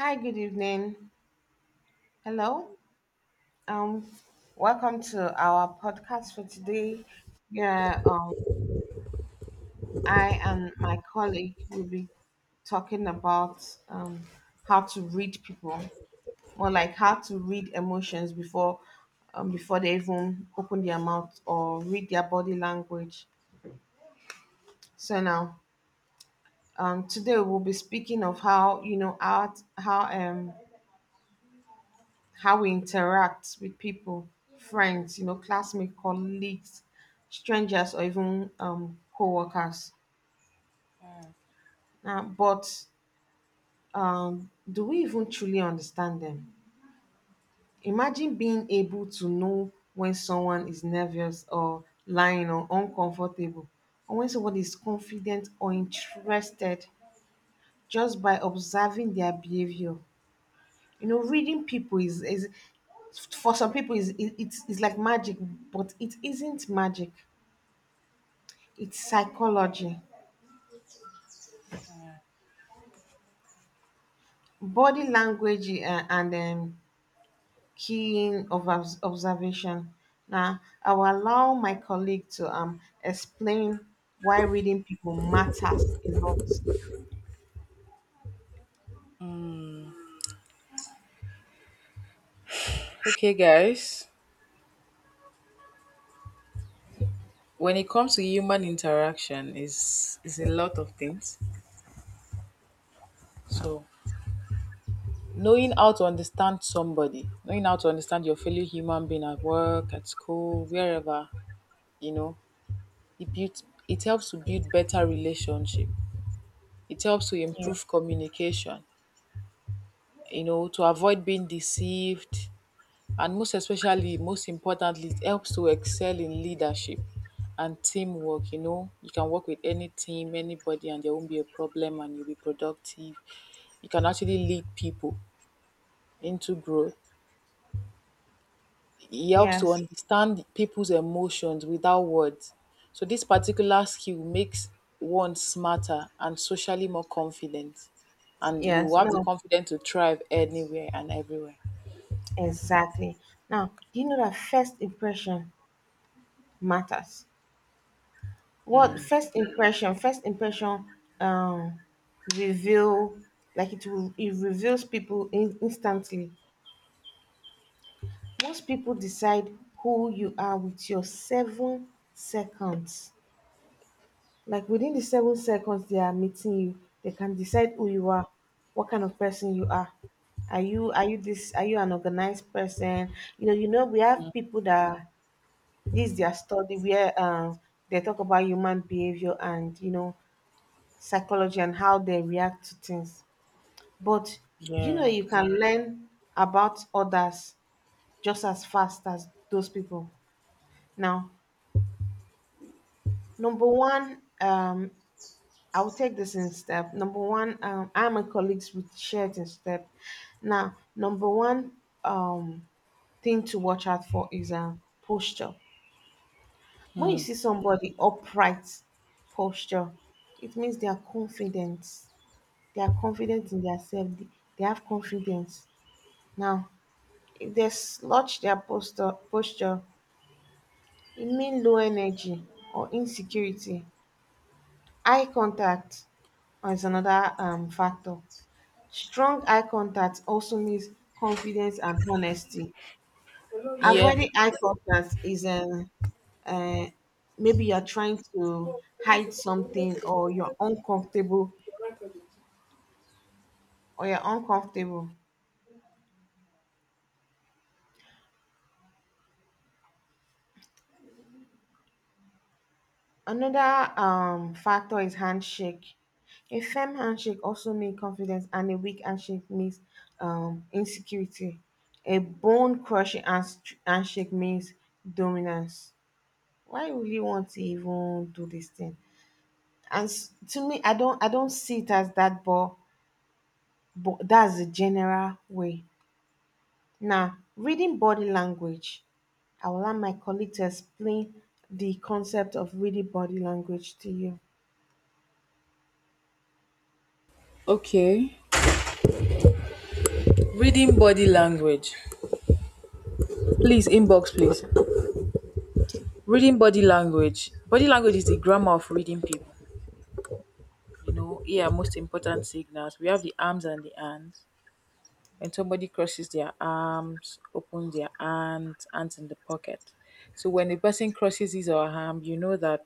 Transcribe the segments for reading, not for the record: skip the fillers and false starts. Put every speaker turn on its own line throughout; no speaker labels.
Hi, good evening. Hello. Um, Welcome to our podcast for today. Yeah, I and my colleague will be talking about um, how to read people, or like how to read emotions before they even open their mouth or read their body language. So now, today we'll be speaking of how you know how we interact with people, friends, classmates, colleagues, strangers, or even co workers. But do we even truly understand them? Imagine being able to know when someone is nervous or lying or uncomfortable, or when somebody is confident or interested just by observing their behavior. You know, reading people is for some people is it, it's like magic, but it isn't magic. It's psychology, body language, and keen of observation. Now, I will allow my colleague to explain why reading people matters a lot.
Okay, guys. When it comes to human interaction, is a lot of things. So knowing how to understand somebody, knowing how to understand your fellow human being at work, at school, wherever, you know, it builds it helps to build better relationship. It helps to
Yeah.
improve communication, to avoid being deceived. And most especially, most importantly, it helps to excel in leadership and teamwork. You know, you can work with any team, anybody, and there won't be a problem, and you'll be productive. You can actually lead people into growth. It helps to
Yes.
understand people's emotions without words. So this particular skill makes one smarter and socially more confident. And you
Yes.
have the
No.
confidence to thrive anywhere and everywhere.
Exactly. Now, do you know that first impression matters? What first impression? First impression um reveal like it reveals people in, instantly. Most people decide who you are with your 7 seconds. Like within the 7 seconds they are meeting you, they can decide who you are, what kind of person you are. Are you this are you an organized person? You know, we have people that this their study where they talk about human behavior and psychology and how they react to things. But do you know
Yeah.
you can learn about others just as fast as those people? Now, number one, I will take this in step. Number one, I'm a colleagues with shared in step. Now, number one um, thing to watch out for is posture. When you see somebody upright posture, it means they are confident. They are confident in their self. They have confidence. Now, if they slouch their posture, it means low energy or insecurity. Eye contact is another factor. Strong eye contact also means confidence and honesty.
Yeah.
Avoiding eye contact is, uh, maybe you're trying to hide something, or you're uncomfortable. Another factor is handshake. A firm handshake also means confidence, and a weak handshake means insecurity. A bone crushing handshake means dominance. Why would you want to even do this thing? To me, I don't see it as that, but that's the general way. Now, reading body language, I will allow my colleague to explain the concept of reading body language to you.
Okay. Reading body language. Please, inbox, please. Reading body language. Body language is the grammar of reading people. You know, here are most important signals. We have the arms and the hands. When somebody crosses their arms, opens their hands, hands in the pocket. So when a person crosses his or her arm, you know that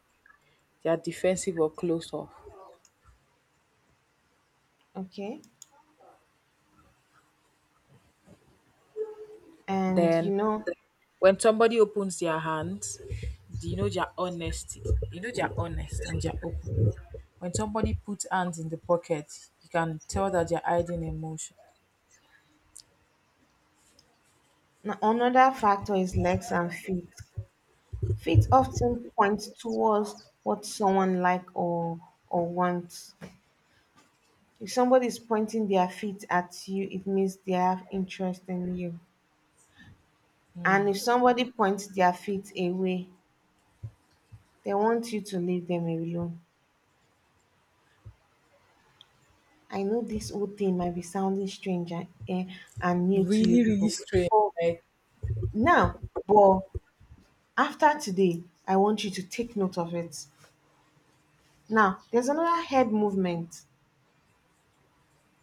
they are defensive or closed off.
Okay. And,
Then when somebody opens their hands, do you know their honesty. You know they're honest and they're open. When somebody puts hands in the pocket, you can tell that they're hiding emotion.
another factor is legs and feet. Feet often point towards what someone like or wants. If somebody is pointing their feet at you, it means they have interest in you. And if somebody points their feet away, they want you to leave them alone. I know this whole thing might be sounding strange and new to you
Really, really
people.
strange.
But
Like,
now, but after today, I want you to take note of it. Now, there's another head movement.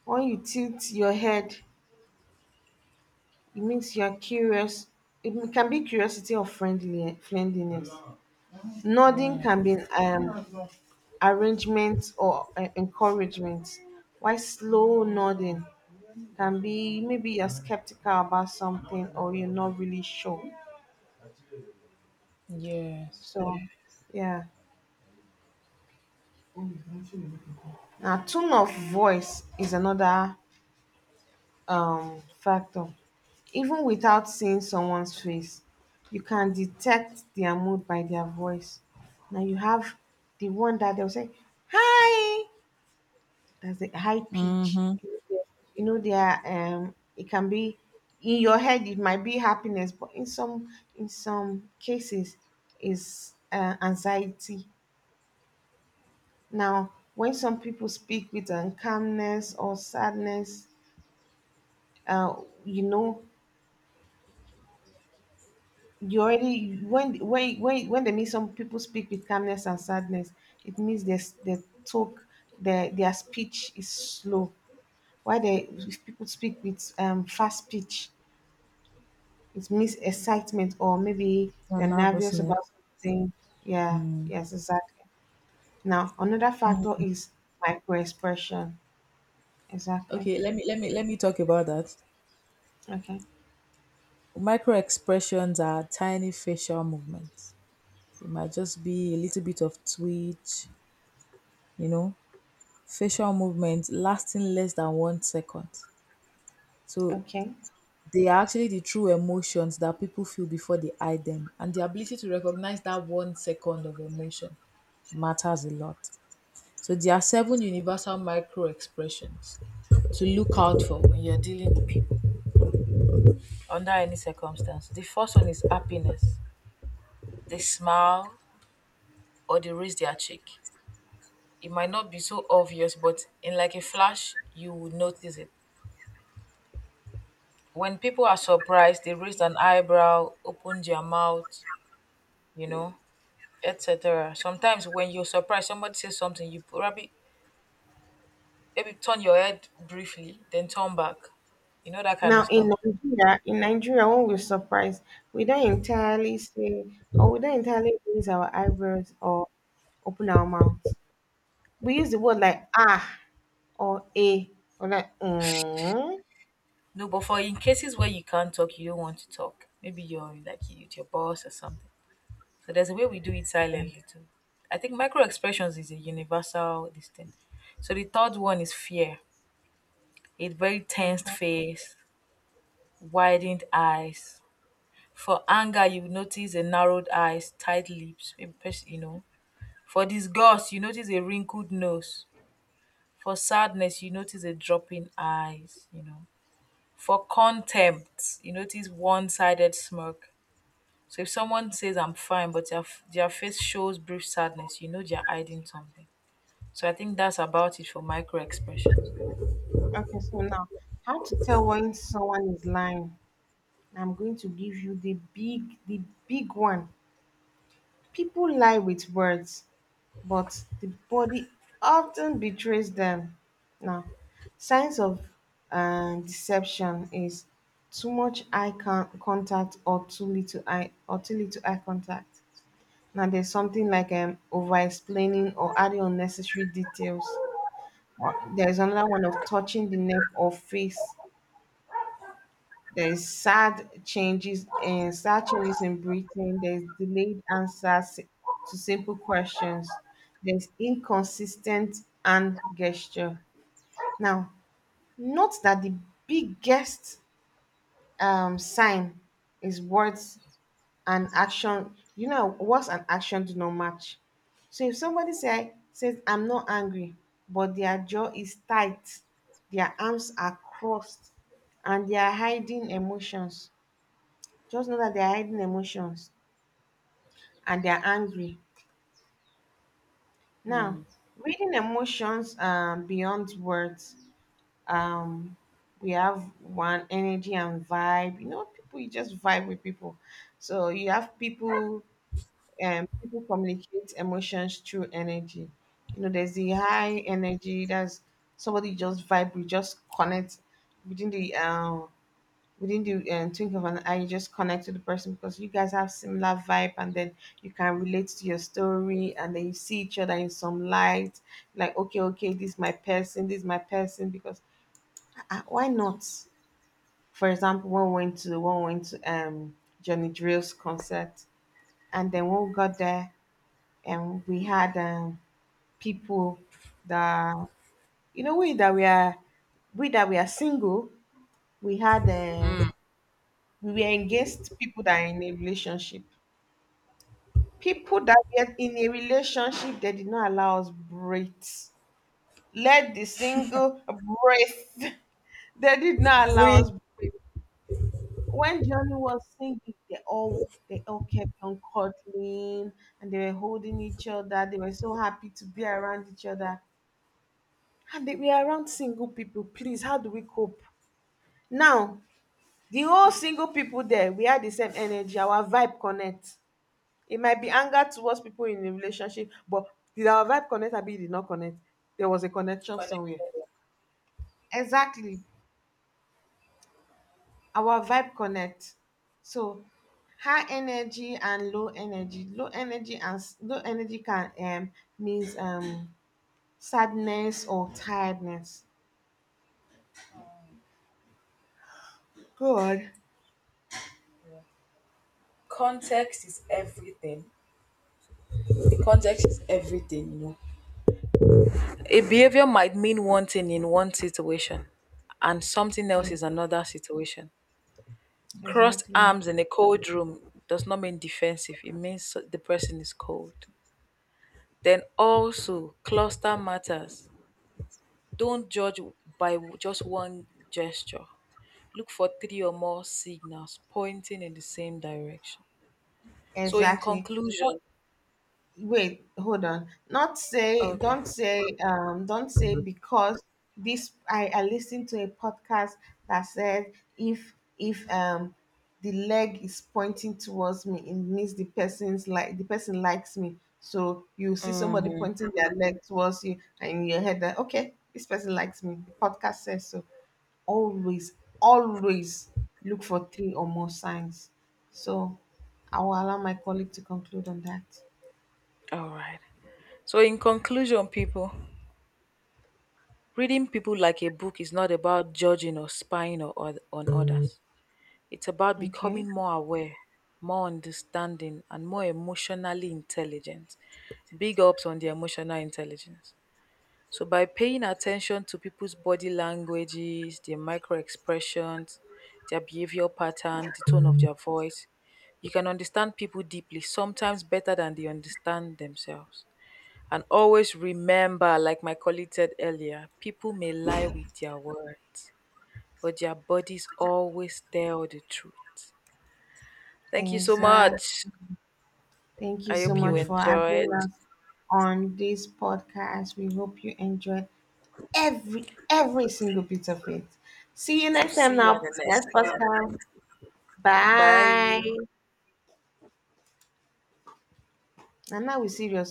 When you tilt your head, it means you're curious. It can be curiosity or friendliness. Nodding can be arrangement or encouragement. Why slow nodding can be maybe you're skeptical about something or you're not really sure.
yes.
So, yeah. Now, tone of voice is another factor. Even without seeing someone's face, you can detect their mood by their voice. Now you have the one that they'll say, "Hi!" That's the high pitch.
Mm-hmm.
You know, there it can be in your head it might be happiness, but in some cases is anxiety. Now when some people speak with calmness or sadness, uh, you know, you already when they meet some people speak with calmness and sadness, it means their talk, their speech is slow. Why they if people speak with fast speech, it means excitement or maybe they're
And
nervous
nervousness.
about something. Yeah,
Mm.
yes, exactly. Now, another factor is micro expression. Exactly.
Okay, let me talk about that.
Okay.
Micro expressions are tiny facial movements. It might just be a little bit of twitch, you know, facial movements lasting less than one second. So
Okay.
they are actually the true emotions that people feel before they hide them. And the ability to recognize that one second of emotion matters a lot. So there are seven universal micro expressions to look out for when you're dealing with people under any circumstance. The first one is happiness. They smile or they raise their cheek. It might not be so obvious, but in like a flash, you will notice it. When people are surprised, they raise an eyebrow, open their mouth, you know, etc. Sometimes when you're surprised, somebody says something, you probably maybe turn your head briefly, then turn back. You know that kind of
Now, in
stuff.
Nigeria, when we're surprised, we don't entirely say, or we don't entirely raise our eyebrows or open our mouth. We use the word like ah or a or like mm.
No, but for in cases where you can't talk, you don't want to talk. Maybe you're like with your boss or something. So there's a way we do it
Yeah.
silently too. I think micro expressions is a universal this thing. So the third one is fear. A very tensed
Okay.
face, widened eyes. For anger, you notice a narrowed eyes, tight lips. Maybe you know, for disgust you notice a wrinkled nose, for sadness you notice a dropping eyes, you know, for contempt you notice one-sided smirk. So if someone says I'm fine but their face shows brief sadness, you know they're hiding something. So I think that's about it for micro expressions.
Okay. So now, how to tell when someone is lying? I'm going to give you the big one. People lie with words, but the body often betrays them. Now, signs of deception is too much eye contact, or too little eye contact. Now, there's something like over explaining or adding unnecessary details. Or there's another one of touching the neck or face. There is sad changes and sad changes in Britain. There is delayed answers to simple questions. There's inconsistent and gesture. Now, note that the biggest sign is words and action. You know, words and action do not match. So if somebody says, "I'm not angry," but their jaw is tight, their arms are crossed, and they are hiding emotions. Just know that they are hiding emotions and they are angry. Now, reading emotions beyond words, um, we have one: energy and vibe. You know, people you just vibe with people. So you have people, people communicate emotions through energy. You know, there's the high energy. That's somebody you just vibe. We just connect within the we didn't do think of an eye, you just connect to the person because you guys have similar vibe, and then you can relate to your story, and then you see each other in some light, like, okay, okay, this is my person, this is my person, because, why not. For example, one went to Johnny Drill's concert, and then when we got there, and we had people that, you know, we that we are single. We had we were engaged, people that are in a relationship. People that get in a relationship that did not allow us breathe. Let the single breathe. They did not allow
Real.
us breathe. When Johnny was singing, they all kept on cuddling, and they were holding each other. They were so happy to be around each other. And they were around single people. Please, how do we cope? Now, the whole single people there, we had the same energy. Our vibe connect. It might be anger towards people in a relationship, but did our vibe connect? Abi e did not connect. There was a connection somewhere.
Connected.
Exactly. Our vibe connect. So, high energy and low energy can, means sadness or tiredness. Good.
Context is everything. The context is everything, you know. A behavior might mean one thing in one situation and something
Yeah.
else is another situation. Crossed
Exactly.
arms in a cold room does not mean defensive. It means so, the person is cold. Then also, cluster matters. Don't judge by just one gesture. Look for three or more signals pointing in the same direction. So, in
Exactly.
conclusion,
Wait, hold on, not say,
okay.
don't say, because this I listened to a podcast that said, if the leg is pointing towards me, it means the person likes me. So you see somebody
Mhm.
pointing their leg towards you, and in your head, that okay, this person likes me, the podcast says so. Always, always look for three or more signs. So I will allow my colleague to conclude on that.
All right. So, in conclusion, people, reading people like a book is not about judging or spying or, on others. It's about
Okay.
becoming more aware, more understanding, and more emotionally intelligent. Big ups on the emotional intelligence. So, by paying attention to people's body languages, their micro expressions, their behavioral pattern, the tone of their voice, you can understand people deeply, sometimes better than they understand themselves. And always remember, like my colleague said earlier, people may lie with their words, but their bodies always tell the truth. Thank you so
Exactly.
much.
Thank you
I
so
hope you.
much
Mm.
for having
Enjoyed.
us on this podcast. We hope you enjoyed every single bit of it. See you
So
next time,
see you on
now,
the
next
next one.
podcast. Bye.
Bye.
And now we're serious.